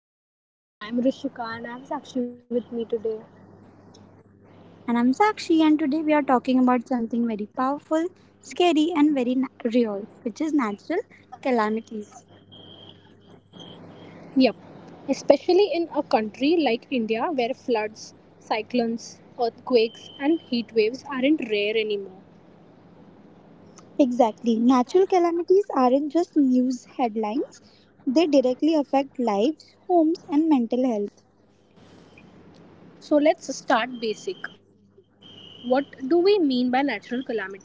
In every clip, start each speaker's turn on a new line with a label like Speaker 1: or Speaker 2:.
Speaker 1: to the podcast. I'm Rishika and I have Sakshi with me today.
Speaker 2: and I'm Sakshi, and today we are talking about something very powerful, scary, and very real, which is natural calamities.
Speaker 1: Yep, especially in a country like India where floods, cyclones, earthquakes, and heat waves aren't rare anymore.
Speaker 2: Exactly. Natural calamities aren't just news headlines, they directly affect lives, homes, and mental health.
Speaker 1: So let's start basic. What do we mean by natural calamities?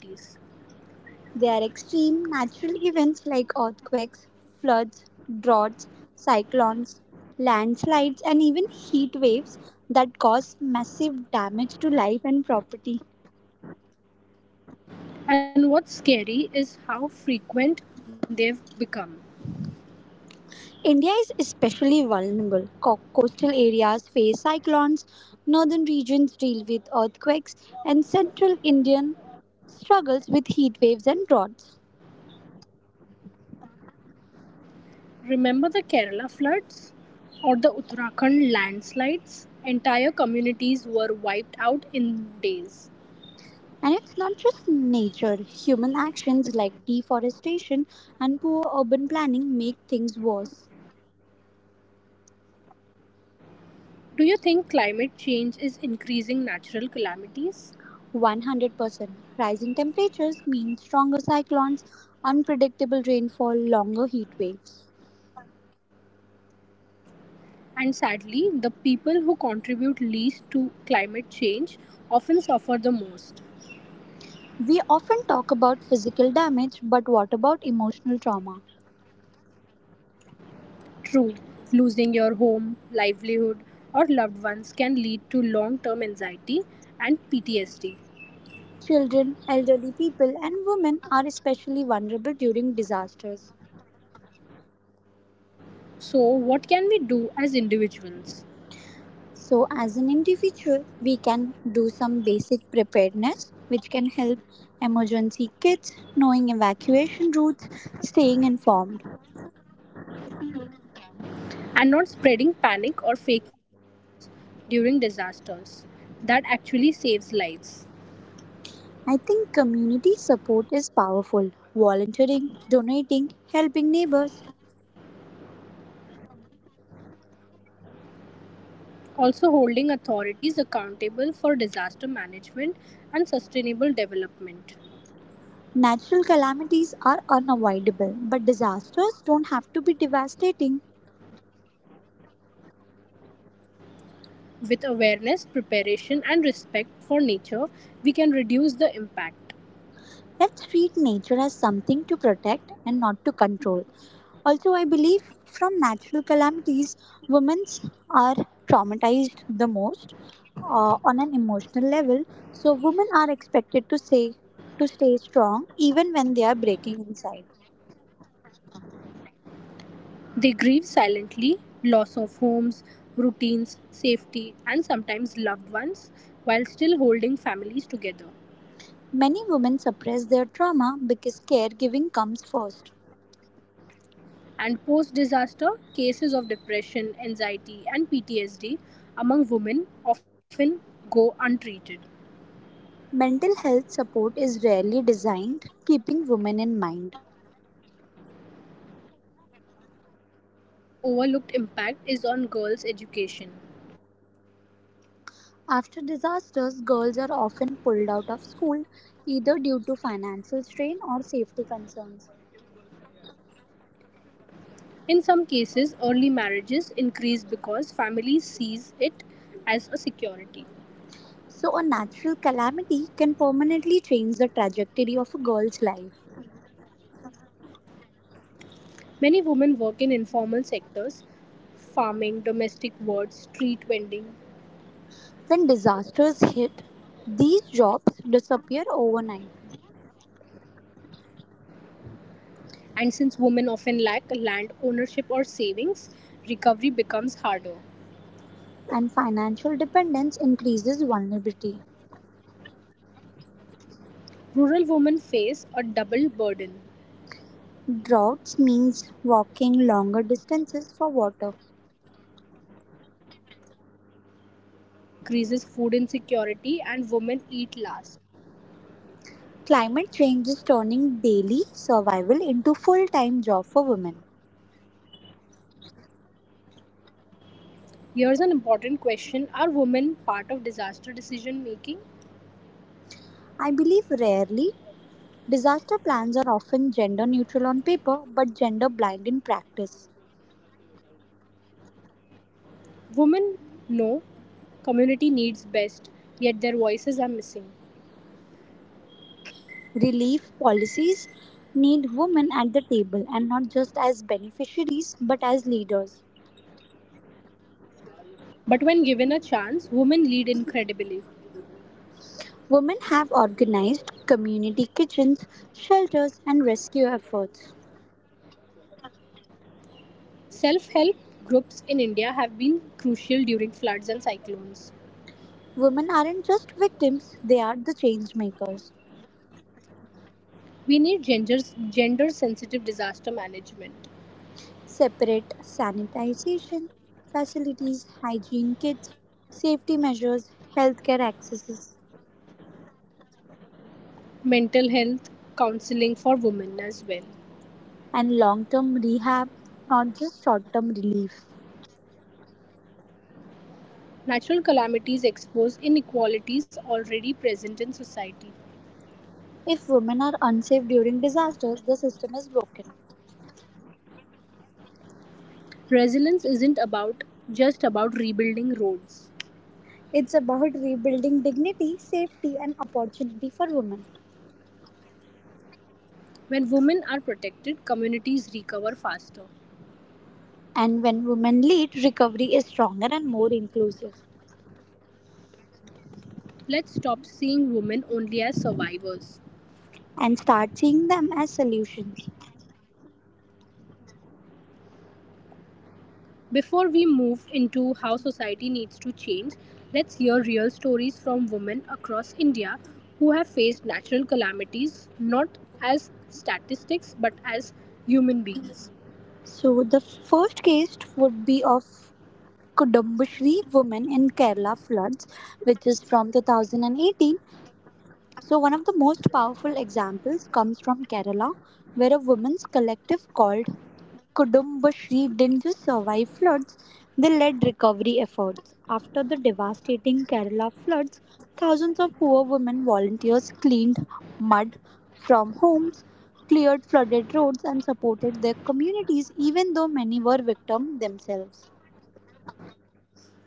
Speaker 2: They are extreme natural events like earthquakes, floods, droughts, cyclones, landslides, and even heat waves that cause massive damage to life and property.
Speaker 1: And what's scary is how frequent they've become.
Speaker 2: India is especially vulnerable. Coastal areas face cyclones, northern regions deal with earthquakes, and central Indian struggles with heat waves and droughts.
Speaker 1: Remember the Kerala floods, or the Uttarakhand landslides? Entire communities were wiped out in days.
Speaker 2: And it's not just nature, human actions like deforestation and poor urban planning make things worse.
Speaker 1: Do you think climate change is increasing natural calamities?
Speaker 2: 100% rise in temperatures mean stronger cyclones, unpredictable rainfall, longer heat waves.
Speaker 1: And sadly, the people who contribute least to climate change often suffer the most.
Speaker 2: We often talk about physical damage, but what about emotional trauma?
Speaker 1: True, losing your home, livelihood, or loved ones can lead to long term anxiety and PTSD.
Speaker 2: Children, elderly people, and women are especially vulnerable during disasters.
Speaker 1: So, what can we do as individuals?
Speaker 2: So, as an individual, we can do some basic preparedness, which can help emergency kits, knowing evacuation routes, staying informed.
Speaker 1: And not spreading panic or fake news during disasters. That actually saves lives.
Speaker 2: I think community support is powerful. Volunteering, donating, helping neighbors.
Speaker 1: Also holding authorities accountable for disaster management and sustainable development.
Speaker 2: Natural calamities are unavoidable, but disasters don't have to be devastating.
Speaker 1: With awareness, preparation, and respect for nature, we can reduce the impact.
Speaker 2: Let's treat nature as something to protect and not to control. Also, I believe from natural calamities, women are traumatized the most on an emotional level. So, women are expected to say to stay strong even when they are breaking inside.
Speaker 1: They grieve silently loss of homes, routines, safety, and sometimes loved ones while still holding families together.
Speaker 2: Many women suppress their trauma because caregiving comes first.
Speaker 1: And post disaster, cases of depression, anxiety, and PTSD among women often go untreated.
Speaker 2: Mental health support is rarely designed, keeping women in mind.
Speaker 1: Another overlooked impact is on girls' education.
Speaker 2: After disasters, girls are often pulled out of school either due to financial strain or safety concerns.
Speaker 1: In some cases, early marriages increase because families sees it as a security.
Speaker 2: So, a natural calamity can permanently change the trajectory of a girl's life.
Speaker 1: Many women work in informal sectors, farming, domestic work, street vending,
Speaker 2: When disasters hit, these jobs disappear overnight,
Speaker 1: and since women often lack land ownership or savings, recovery becomes harder.
Speaker 2: and financial dependence increases vulnerability.
Speaker 1: Rural women face a double burden.
Speaker 2: Droughts means walking longer distances for water.
Speaker 1: Crop failures increases food insecurity and women eat last.
Speaker 2: Climate change is turning daily survival into full time job for women.
Speaker 1: Here's an important question: are women part of disaster decision making?
Speaker 2: I believe rarely. Disaster plans are often gender neutral on paper but gender blind in practice.
Speaker 1: Women know community needs best, yet their voices are missing.
Speaker 2: Relief policies need women at the table and not just as beneficiaries but as leaders.
Speaker 1: But when given a chance, women lead incredibly.
Speaker 2: Women have organized community kitchens, shelters, and rescue efforts.
Speaker 1: Self help groups in India have been crucial during floods and cyclones.
Speaker 2: Women aren't just victims, they are the change makers.
Speaker 1: We need gender sensitive disaster management,
Speaker 2: Separate sanitization facilities, hygiene kits, safety measures, healthcare accesses.
Speaker 1: mental health counseling for women as well.
Speaker 2: And long term rehab, not just short term relief.
Speaker 1: Natural calamities expose inequalities already present in society.
Speaker 2: If women are unsafe during disasters, the system is broken.
Speaker 1: Resilience isn't about just about rebuilding roads.
Speaker 2: It's about rebuilding dignity, safety, and opportunity for women.
Speaker 1: When women are protected, communities recover faster.
Speaker 2: And when women lead, recovery is stronger and more inclusive,
Speaker 1: Let's stop seeing women only as survivors.
Speaker 2: and start seeing them as solutions.
Speaker 1: Before we move into how society needs to change, let's hear real stories from women across India who have faced natural calamities not as statistics but as human beings.
Speaker 2: So, the first case would be of Kudumbushri woman in Kerala floods, which is from 2018. So, one of the most powerful examples comes from Kerala, where a women's collective called Kudumbashree didn't just survive floods, they led recovery efforts. After the devastating Kerala floods, thousands of poor women volunteers cleaned mud from homes, cleared flooded roads, and supported their communities, even though many were victims themselves.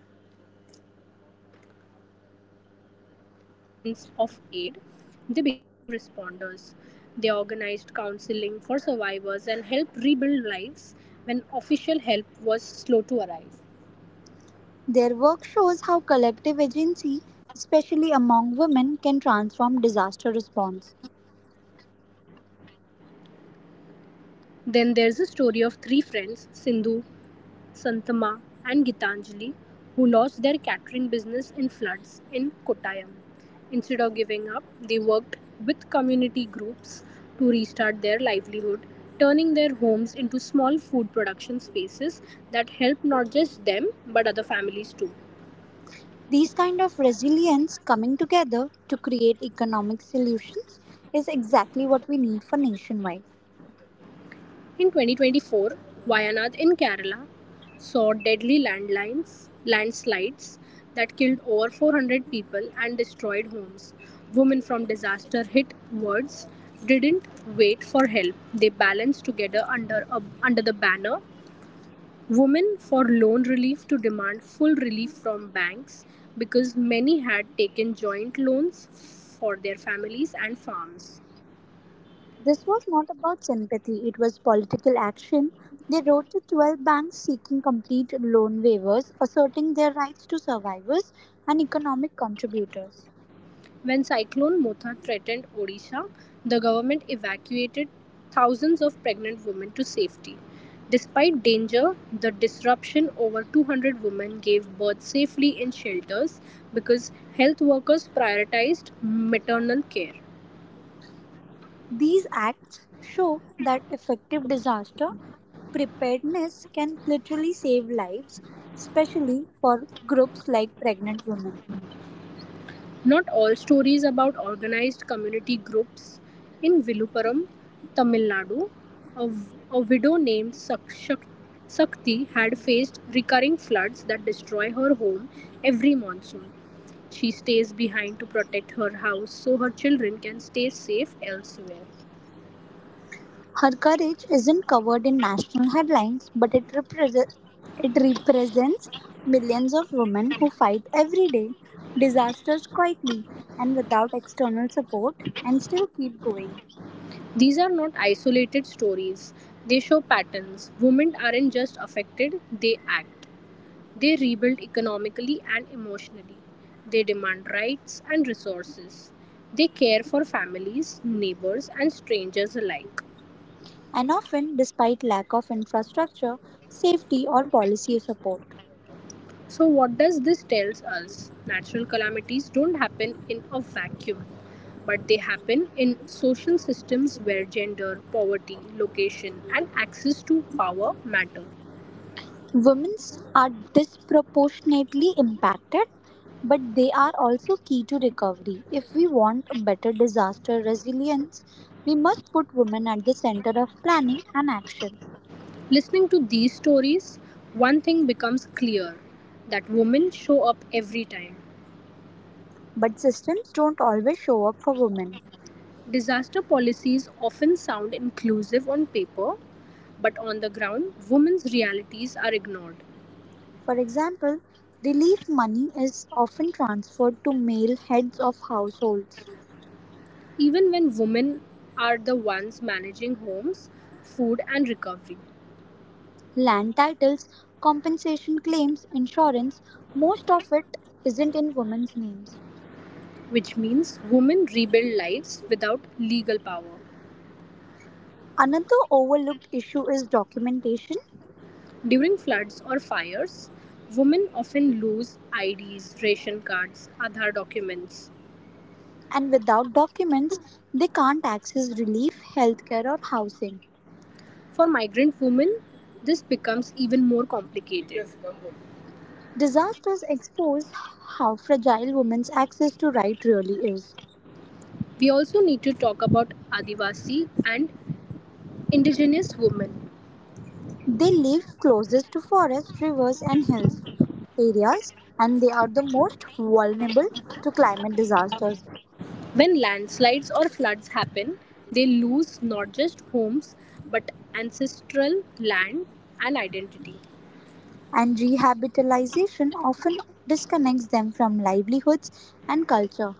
Speaker 1: That's right. These women were not passive recipients of aid, they became frontline responders. They organized counseling for survivors and helped rebuild lives when official help was slow to arrive.
Speaker 2: Their work shows how collective agency, especially among women, can transform disaster response.
Speaker 1: Then there's the story of three friends, Sindhu, Santhamma and Gitanjali, who lost their catering business in floods in Kottayam. Instead of giving up, they worked with community groups to restart their livelihood, turning their homes into small food production spaces that help not just them but other families too.
Speaker 2: These kind of resilience coming together to create economic solutions is exactly what we need for nationwide.
Speaker 1: In 2024, Wayanad in Kerala saw deadly landlines, landslides that killed over 400 people and destroyed homes. Women from disaster hit wards didn't wait for help. They balanced together under, under the banner Women for Loan Relief to demand full relief from banks because many had taken joint loans for their families and farms.
Speaker 2: This was not about sympathy, it was political action. They wrote to 12 banks seeking complete loan waivers, asserting their rights to survivors and economic contributors.
Speaker 1: When Cyclone Motha threatened Odisha, the government evacuated thousands of pregnant women to safety. Despite danger, the disruption over 200 women gave birth safely in shelters because health workers prioritized maternal care.
Speaker 2: These acts show that effective disaster preparedness can literally save lives, especially for groups like pregnant women.
Speaker 1: Not all stories about organised community groups in Vilupuram, Tamil Nadu, a, a widow named Sakti had faced recurring floods that destroy her home every monsoon. She stays behind to protect her house so her children can stay safe elsewhere.
Speaker 2: Her courage isn't covered in national headlines, but it represents millions of women who fight every day disasters quietly and without external support and still keep going,
Speaker 1: These are not isolated stories, they show patterns. Women aren't just affected, they act. They rebuild economically and emotionally, they demand rights and resources, they care for families, neighbors, and strangers alike.
Speaker 2: and often despite lack of infrastructure, safety, or policy support.
Speaker 1: So, what does this tells us? Natural calamities don't happen in a vacuum, but they happen in social systems where gender, poverty, location, and access to power matter.
Speaker 2: Women are disproportionately impacted, but they are also key to recovery. If we want a better disaster resilience, we must put women at the center of planning and action.
Speaker 1: Listening to these stories, one thing becomes clear that women show up every time.
Speaker 2: But systems don't always show up for women.
Speaker 1: Disaster policies often sound inclusive on paper, but on the ground, women's realities are ignored.
Speaker 2: For example, relief money is often transferred to male heads of households.
Speaker 1: Even when women are the ones managing homes, food, and recovery,
Speaker 2: Land titles, compensation claims, insurance, most of it isn't in women's names.
Speaker 1: which means women rebuild lives without legal power.
Speaker 2: Another overlooked issue is documentation,
Speaker 1: During floods or fires, women often lose IDs, ration cards, Aadhaar documents.
Speaker 2: and without documents, they can't access relief, healthcare, or housing.
Speaker 1: For migrant women, this becomes even more complicated.
Speaker 2: Disasters expose how fragile women's access to right really is.
Speaker 1: We also need to talk about Adivasi and indigenous women.
Speaker 2: They live closest to forests, rivers, and hills areas, and they are the most vulnerable to climate disasters.
Speaker 1: When landslides or floods happen, they lose not just homes but ancestral land and identity.
Speaker 2: And rehabilitation often disconnects them from livelihoods and culture.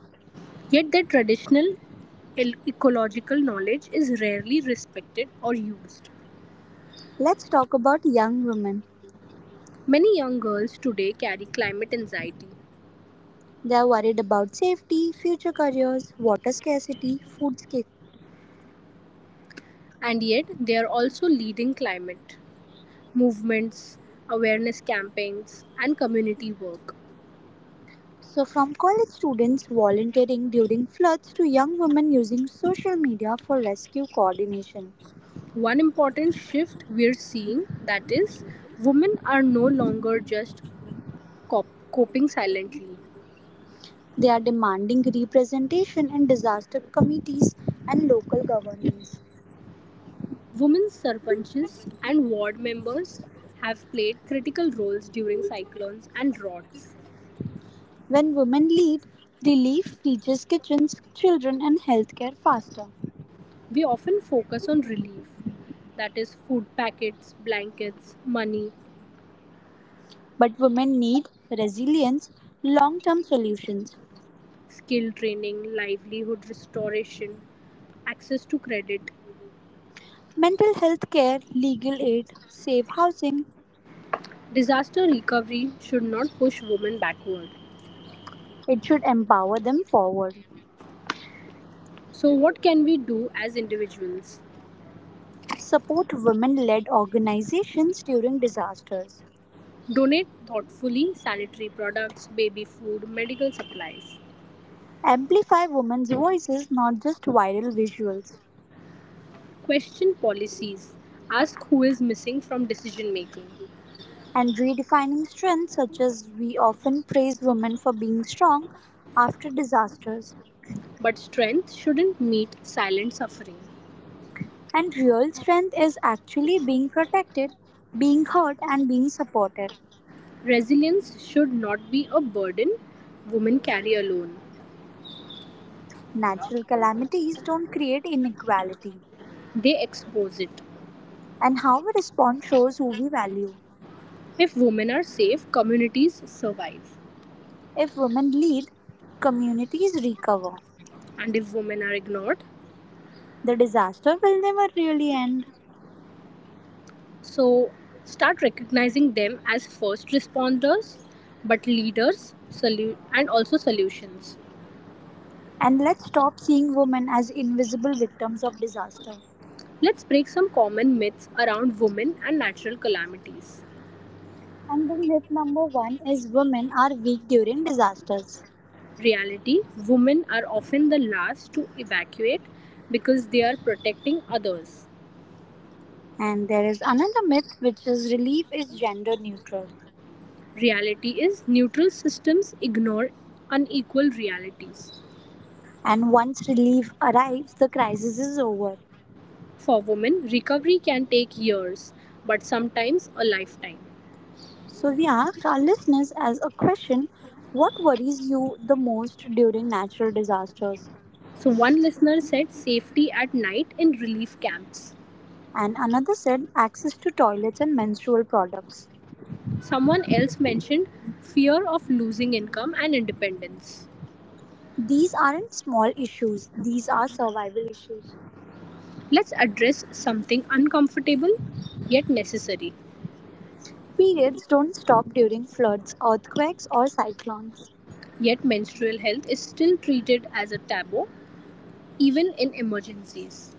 Speaker 1: Yet their traditional ecological knowledge is rarely respected or used.
Speaker 2: Let's talk about young women.
Speaker 1: Many young girls today carry climate anxiety,
Speaker 2: They are worried about safety, future careers, water scarcity, food scarcity.
Speaker 1: and yet they are also leading climate movements, awareness campaigns, and community work.
Speaker 2: So, from college students volunteering during floods to young women using social media for rescue coordination,
Speaker 1: One important shift we're seeing that is women are no longer just cop- coping silently.
Speaker 2: they are demanding representation in disaster committees and local governance.
Speaker 1: Women sarpanches and ward members have played critical roles during cyclones and droughts.
Speaker 2: When women lead, relief reaches kitchens, children, and healthcare faster.
Speaker 1: We often focus on relief that is food packets, blankets, money,
Speaker 2: But women need resilience, long term solutions,
Speaker 1: skill training, livelihood restoration, access to credit.
Speaker 2: mental health care, legal aid, safe housing.
Speaker 1: Disaster recovery should not push women backward.
Speaker 2: It should empower them forward,
Speaker 1: So, what can we do as individuals?
Speaker 2: support women led organizations during disasters,
Speaker 1: Donate thoughtfully sanitary products, baby food, medical supplies.
Speaker 2: amplify women's voices, not just viral visuals,
Speaker 1: Question policies. Ask who is missing from decision making.
Speaker 2: and redefining strength, such as we often praise women for being strong after disasters.
Speaker 1: But strength shouldn't meet silent suffering.
Speaker 2: And real strength is actually being protected, being heard, and being supported.
Speaker 1: Resilience should not be a burden women carry alone.
Speaker 2: Natural calamities don't create inequality,
Speaker 1: They expose it.
Speaker 2: and how we respond shows who we value.
Speaker 1: If women are safe, communities survive.
Speaker 2: If women lead, communities recover.
Speaker 1: And if women are ignored,
Speaker 2: The disaster will never really end.
Speaker 1: so start recognizing them as first responders, but leaders and also solutions.
Speaker 2: And let's stop seeing women as invisible victims of disaster.
Speaker 1: Let's break some common myths around women and natural calamities.
Speaker 2: And the myth number one is women are weak during disasters.
Speaker 1: Reality: women are often the last to evacuate because they are protecting others.
Speaker 2: And there is another myth which is relief is gender neutral.
Speaker 1: Reality is neutral systems ignore unequal realities.
Speaker 2: And once relief arrives, the crisis is over.
Speaker 1: For women, recovery can take years, but sometimes a lifetime.
Speaker 2: So we asked our listeners as a question, what worries you the most during natural disasters?
Speaker 1: So, one listener said safety at night in relief camps.
Speaker 2: And another said access to toilets and menstrual products.
Speaker 1: Someone else mentioned fear of losing income and independence.
Speaker 2: These aren't small issues, these are survival issues.
Speaker 1: Let's address something uncomfortable yet necessary.
Speaker 2: Periods don't stop during floods, earthquakes, or cyclones.
Speaker 1: Yet menstrual health is still treated as a taboo even in emergencies.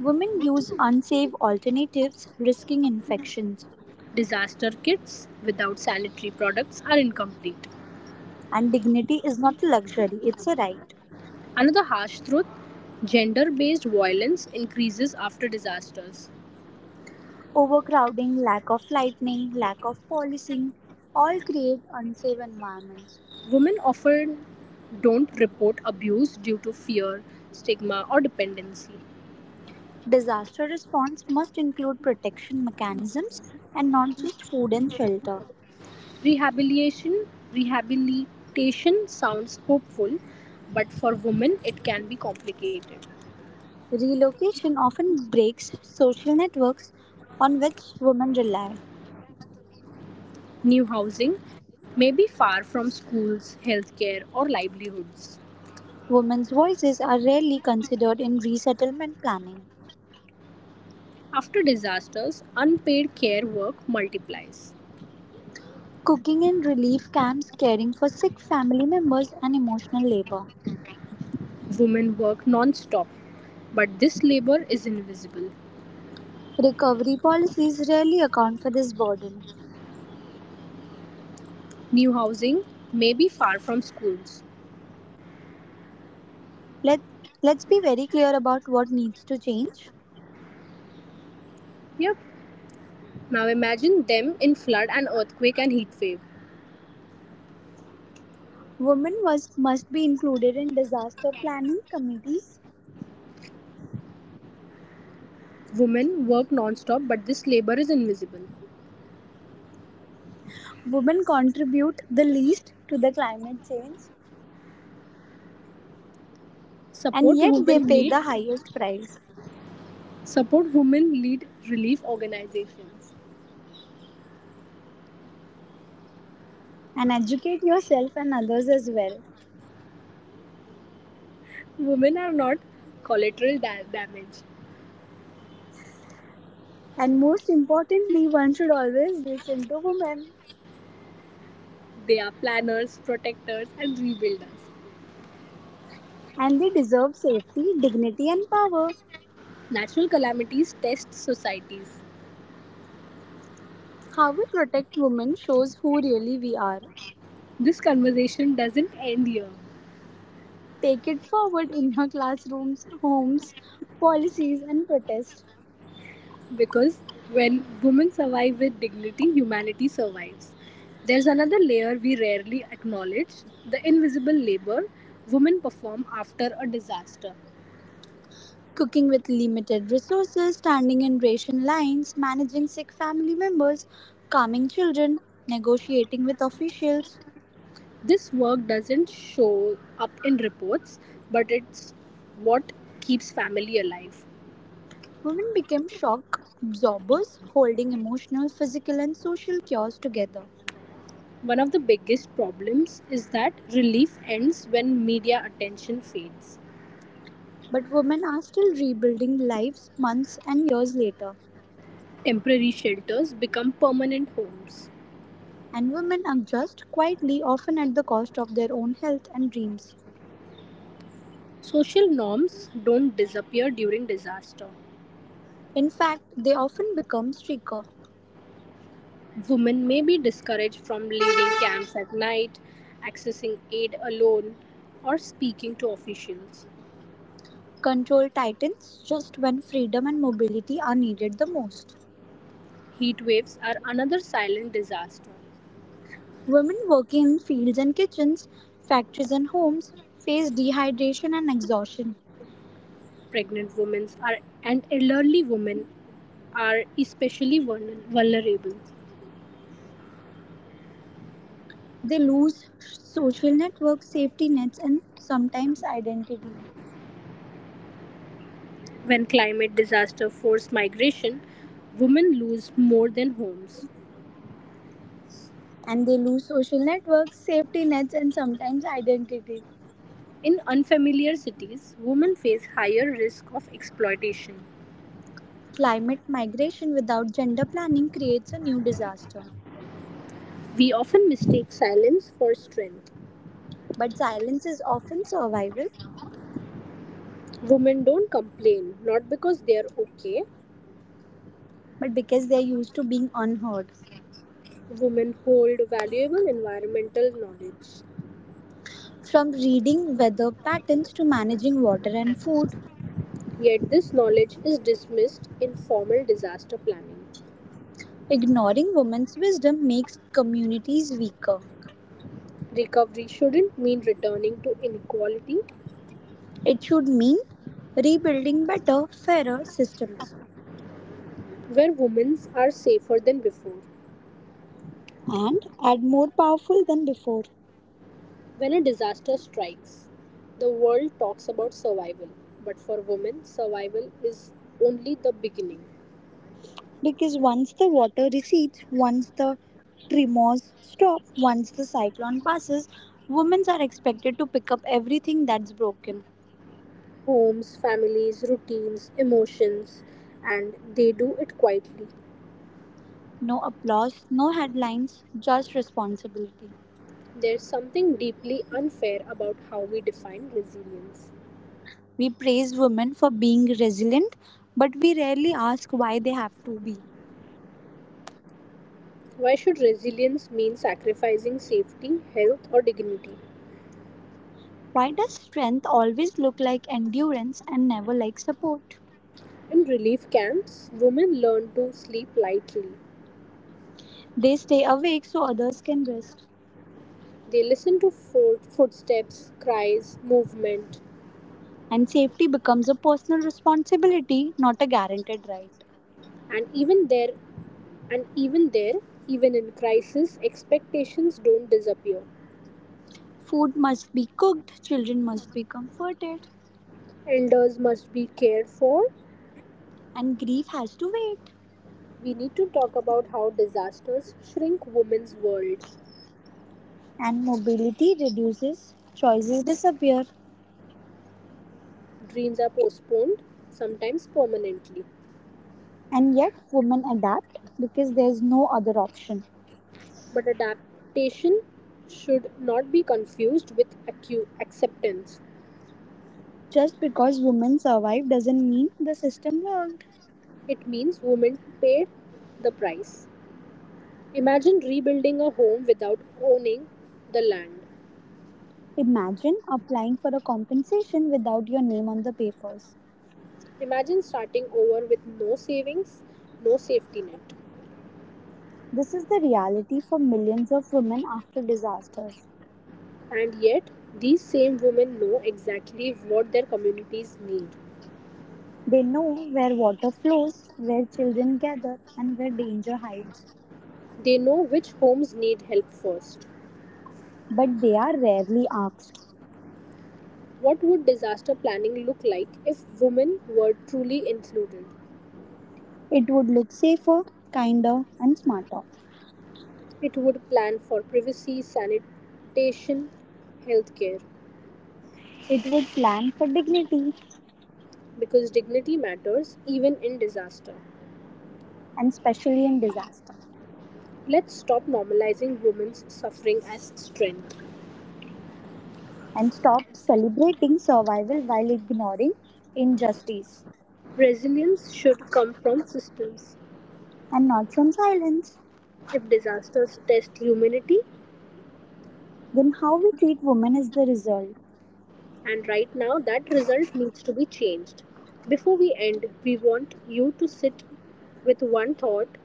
Speaker 2: Women use unsafe alternatives, risking infections.
Speaker 1: Disaster kits without sanitary products are incomplete.
Speaker 2: And dignity is not a luxury, it's a right.
Speaker 1: Another harsh truth: gender based violence increases after disasters.
Speaker 2: Overcrowding, lack of lightning, lack of policing all create unsafe environments.
Speaker 1: Women often don't report abuse due to fear, stigma, or dependency.
Speaker 2: Disaster response must include protection mechanisms and not just food and shelter.
Speaker 1: Rehabilitation Rehabilitation sounds hopeful, but for women it can be complicated.
Speaker 2: Relocation often breaks social networks on which women rely.
Speaker 1: New housing may be far from schools, healthcare, or livelihoods.
Speaker 2: Women's voices are rarely considered in resettlement planning.
Speaker 1: After disasters, unpaid care work multiplies.
Speaker 2: Cooking in relief camps, caring for sick family members, and emotional labor.
Speaker 1: Women work non-stop, but this labor is invisible.
Speaker 2: Recovery policies rarely account for this burden.
Speaker 1: New housing may be far from schools.
Speaker 2: Let, let's be very clear about what needs to change.
Speaker 1: Yep. Now imagine them in flood and earthquake and heat wave.
Speaker 2: Women must be included in disaster planning committees.
Speaker 1: Women work non-stop, but this labor is invisible.
Speaker 2: Women contribute the least to the climate change and
Speaker 1: Support
Speaker 2: yet they
Speaker 1: women
Speaker 2: pay
Speaker 1: lead
Speaker 2: the highest price.
Speaker 1: Support women lead relief organizations.
Speaker 2: And educate yourself and others as well.
Speaker 1: Women are not collateral damage.
Speaker 2: And most importantly, one should always listen to women.
Speaker 1: They are planners, protectors and rebuilders.
Speaker 2: And they deserve safety, dignity, and power.
Speaker 1: Natural calamities test societies.
Speaker 2: How we protect women shows who really we are.
Speaker 1: This conversation doesn't end here
Speaker 2: Take it forward in your classrooms, homes, policies, and protests.
Speaker 1: because when women survive with dignity, humanity survives. There's another layer we rarely acknowledge: the invisible labor women perform after a disaster.
Speaker 2: Cooking with limited resources, standing in ration lines, managing sick family members, calming children, negotiating with officials.
Speaker 1: This work doesn't show up in reports, but it's what keeps family alive.
Speaker 2: Women became shock absorbers, holding emotional, physical, and social cures together.
Speaker 1: One of the biggest problems is that relief ends when media attention fades.
Speaker 2: But women are still rebuilding lives months and years later,
Speaker 1: Temporary shelters become permanent homes.
Speaker 2: and women adjust quietly, often at the cost of their own health and dreams.
Speaker 1: Social norms don't disappear during disaster.
Speaker 2: In fact, they often become streaker,
Speaker 1: Women may be discouraged from leaving camps at night, accessing aid alone, or speaking to officials.
Speaker 2: control titans just when freedom and mobility are needed the most.
Speaker 1: Heat waves are another silent disaster.
Speaker 2: Women working in fields and kitchens, factories and homes face dehydration and exhaustion.
Speaker 1: Pregnant women are, and elderly women are especially vulnerable.
Speaker 2: They lose social networks, safety nets, and sometimes identity.
Speaker 1: When climate disaster force migration, women lose more than homes.
Speaker 2: And they lose social networks, safety nets, and sometimes identity.
Speaker 1: In unfamiliar cities, women face higher risk of exploitation.
Speaker 2: Climate migration without gender planning creates a new disaster.
Speaker 1: We often mistake silence for strength.
Speaker 2: But silence is often survival,
Speaker 1: Women don't complain, not because they are okay.
Speaker 2: but because they are used to being unheard.
Speaker 1: Women hold valuable environmental knowledge.
Speaker 2: From reading weather patterns to managing water and food,
Speaker 1: Yet this knowledge is dismissed in formal disaster planning.
Speaker 2: ignoring women's wisdom makes communities weaker.
Speaker 1: Recovery shouldn't mean returning to inequality,
Speaker 2: It should mean rebuilding better, fairer systems.
Speaker 1: where women are safer than before.
Speaker 2: And add more powerful than before.
Speaker 1: When a disaster strikes, the world talks about survival, but for women, survival is only the beginning.
Speaker 2: Because once the water recedes, once the tremors stop, once the cyclone passes, women are expected to pick up everything that's broken.
Speaker 1: Homes, families, routines, emotions, and they do it quietly.
Speaker 2: No applause, no headlines, just responsibility.
Speaker 1: There's something deeply unfair about how we define resilience.
Speaker 2: We praise women for being resilient, but we rarely ask why they have to be.
Speaker 1: Why should resilience mean sacrificing safety, health, or dignity?
Speaker 2: Why does strength always look like endurance and never like support?
Speaker 1: In relief camps, women learn to sleep lightly.
Speaker 2: They stay awake so others can rest.
Speaker 1: They listen to footsteps, cries, movement,
Speaker 2: And safety becomes a personal responsibility, not a guaranteed right.
Speaker 1: and and even there, even in crisis, expectations don't disappear.
Speaker 2: Food must be cooked, children must be comforted,
Speaker 1: Elders must be cared for.
Speaker 2: and grief has to wait.
Speaker 1: We need to talk about how disasters shrink women's world.
Speaker 2: And mobility reduces, choices disappear,
Speaker 1: Dreams are postponed, sometimes permanently.
Speaker 2: and yet women adapt because there's no other option.
Speaker 1: But adaptation should not be confused with acceptance.
Speaker 2: Just because women survive doesn't mean the system worked.
Speaker 1: It means women paid the price. Imagine rebuilding a home without owning the land.
Speaker 2: Imagine applying for a compensation without your name on the papers.
Speaker 1: Imagine starting over with no savings, no safety net.
Speaker 2: This is the reality for millions of women after disasters.
Speaker 1: And yet, these same women know exactly what their communities need.
Speaker 2: They know where water flows, where children gather, and where danger hides.
Speaker 1: They know which homes need help first.
Speaker 2: But they are rarely asked.
Speaker 1: What would disaster planning look like if women were truly included?
Speaker 2: It would look safer, kinder, and smarter.
Speaker 1: It would plan for privacy, sanitation, healthcare.
Speaker 2: It would plan for dignity,
Speaker 1: Because dignity matters, even in disaster.
Speaker 2: and especially in disaster,
Speaker 1: Let's stop normalizing women's suffering as strength.
Speaker 2: and stop celebrating survival while ignoring injustice.
Speaker 1: Resilience should come from systems.
Speaker 2: And not from silence.
Speaker 1: If disasters test humanity,
Speaker 2: Then how we treat women is the result.
Speaker 1: and right now that result needs to be changed. Before we end, we want you to sit with one thought.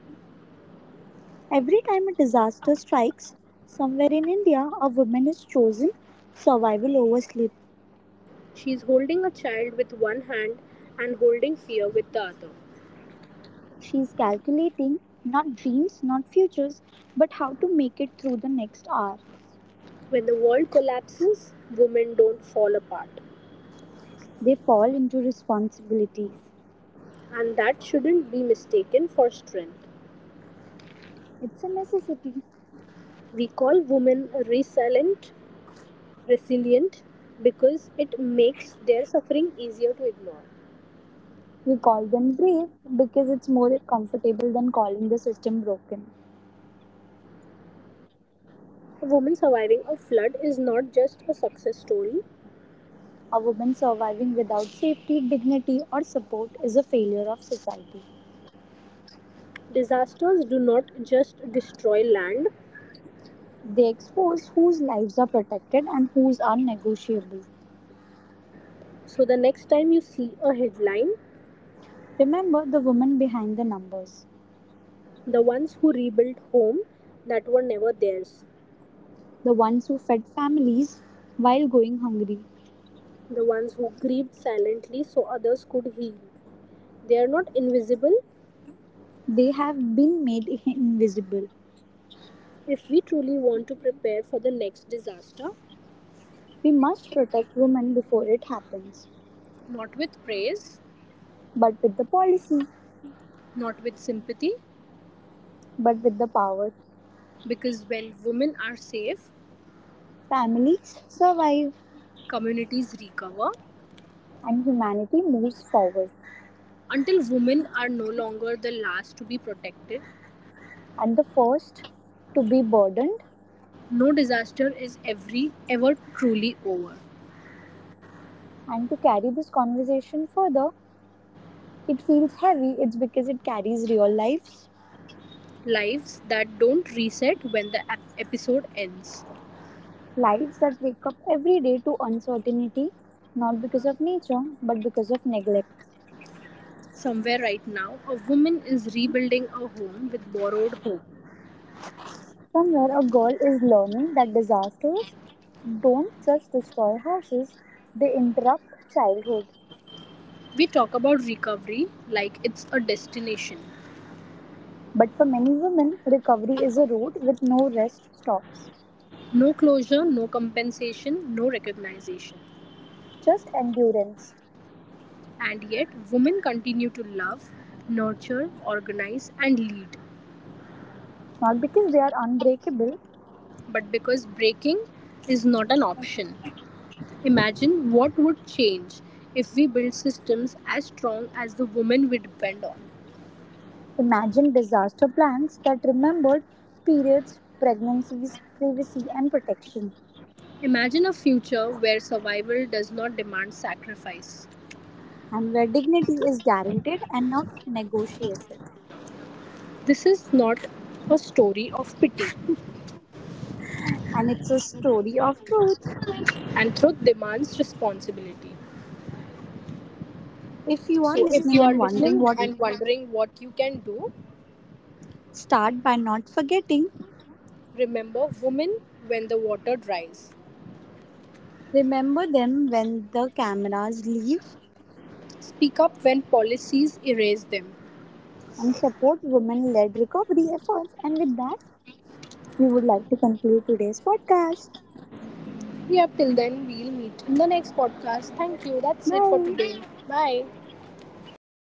Speaker 2: Every time a disaster strikes, somewhere in India, a woman is chosen survival over sleep.
Speaker 1: She's holding a child with one hand and holding fear with the other.
Speaker 2: She's calculating not dreams, not futures, but how to make it through the next hour.
Speaker 1: When the world collapses, women don't fall apart,
Speaker 2: They fall into responsibilities.
Speaker 1: and that shouldn't be mistaken for strength.
Speaker 2: It's a necessity.
Speaker 1: We call women resilient because it makes their suffering easier to ignore.
Speaker 2: We call them brave because it's more comfortable than calling the system broken.
Speaker 1: A woman surviving a flood is not just a success story.
Speaker 2: A woman surviving without safety, dignity, or support is a failure of society.
Speaker 1: Disasters do not just destroy land.
Speaker 2: They expose whose lives are protected and whose are negotiable.
Speaker 1: So the next time you see a headline,
Speaker 2: Remember the woman behind the numbers,
Speaker 1: the ones who rebuilt home that were never theirs,
Speaker 2: the ones who fed families while going hungry.
Speaker 1: the ones who grieved silently so others could heal. They are not invisible
Speaker 2: They have been made invisible.
Speaker 1: if we truly want to prepare for the next disaster,
Speaker 2: We must protect women before it happens.
Speaker 1: not with praise,
Speaker 2: But with the policy,
Speaker 1: not with sympathy,
Speaker 2: but with the power,
Speaker 1: because when women are safe,
Speaker 2: families survive
Speaker 1: communities recover.
Speaker 2: and humanity moves forward.
Speaker 1: Until women are no longer the last to be protected,
Speaker 2: And the first to be burdened
Speaker 1: no disaster is ever truly over.
Speaker 2: and to carry this conversation further, it feels heavy. It's because it carries real lives,
Speaker 1: Lives that don't reset when the episode ends.
Speaker 2: lives that wake up every day to uncertainty, not because of nature, but because of neglect.
Speaker 1: Somewhere right now, a woman is rebuilding a home with borrowed hope.
Speaker 2: Somewhere, a girl is learning that disasters don't just destroy houses, they interrupt childhood.
Speaker 1: We talk about recovery like it's a destination.
Speaker 2: But for many women, recovery is a road with no rest stops,
Speaker 1: No closure, no compensation, no recognition.
Speaker 2: just endurance.
Speaker 1: And yet, women continue to love, nurture, organize, and lead.
Speaker 2: Not because they are unbreakable.
Speaker 1: But because breaking is not an option, imagine what would change if we build systems as strong as the women we depend on.
Speaker 2: Imagine disaster plans that remembered periods, pregnancies, privacy, and protection,
Speaker 1: Imagine a future where survival does not demand sacrifice.
Speaker 2: and where dignity is guaranteed and not negotiated.
Speaker 1: This is not a story of pity,
Speaker 2: And it's a story of truth.
Speaker 1: and truth demands responsibility.
Speaker 2: If you are
Speaker 1: So, if
Speaker 2: listening
Speaker 1: you are
Speaker 2: and wondering
Speaker 1: listening
Speaker 2: what.
Speaker 1: and wondering what you can do,
Speaker 2: Start by not forgetting,
Speaker 1: remember women when the water dries.
Speaker 2: remember them when the cameras leave
Speaker 1: Speak up when policies erase them.
Speaker 2: and support women led recovery efforts. And with that, we would like to conclude today's podcast.
Speaker 1: Yeah, till then, we'll meet in the next podcast. Thank you. That's it for
Speaker 2: Bye.
Speaker 1: today. Bye.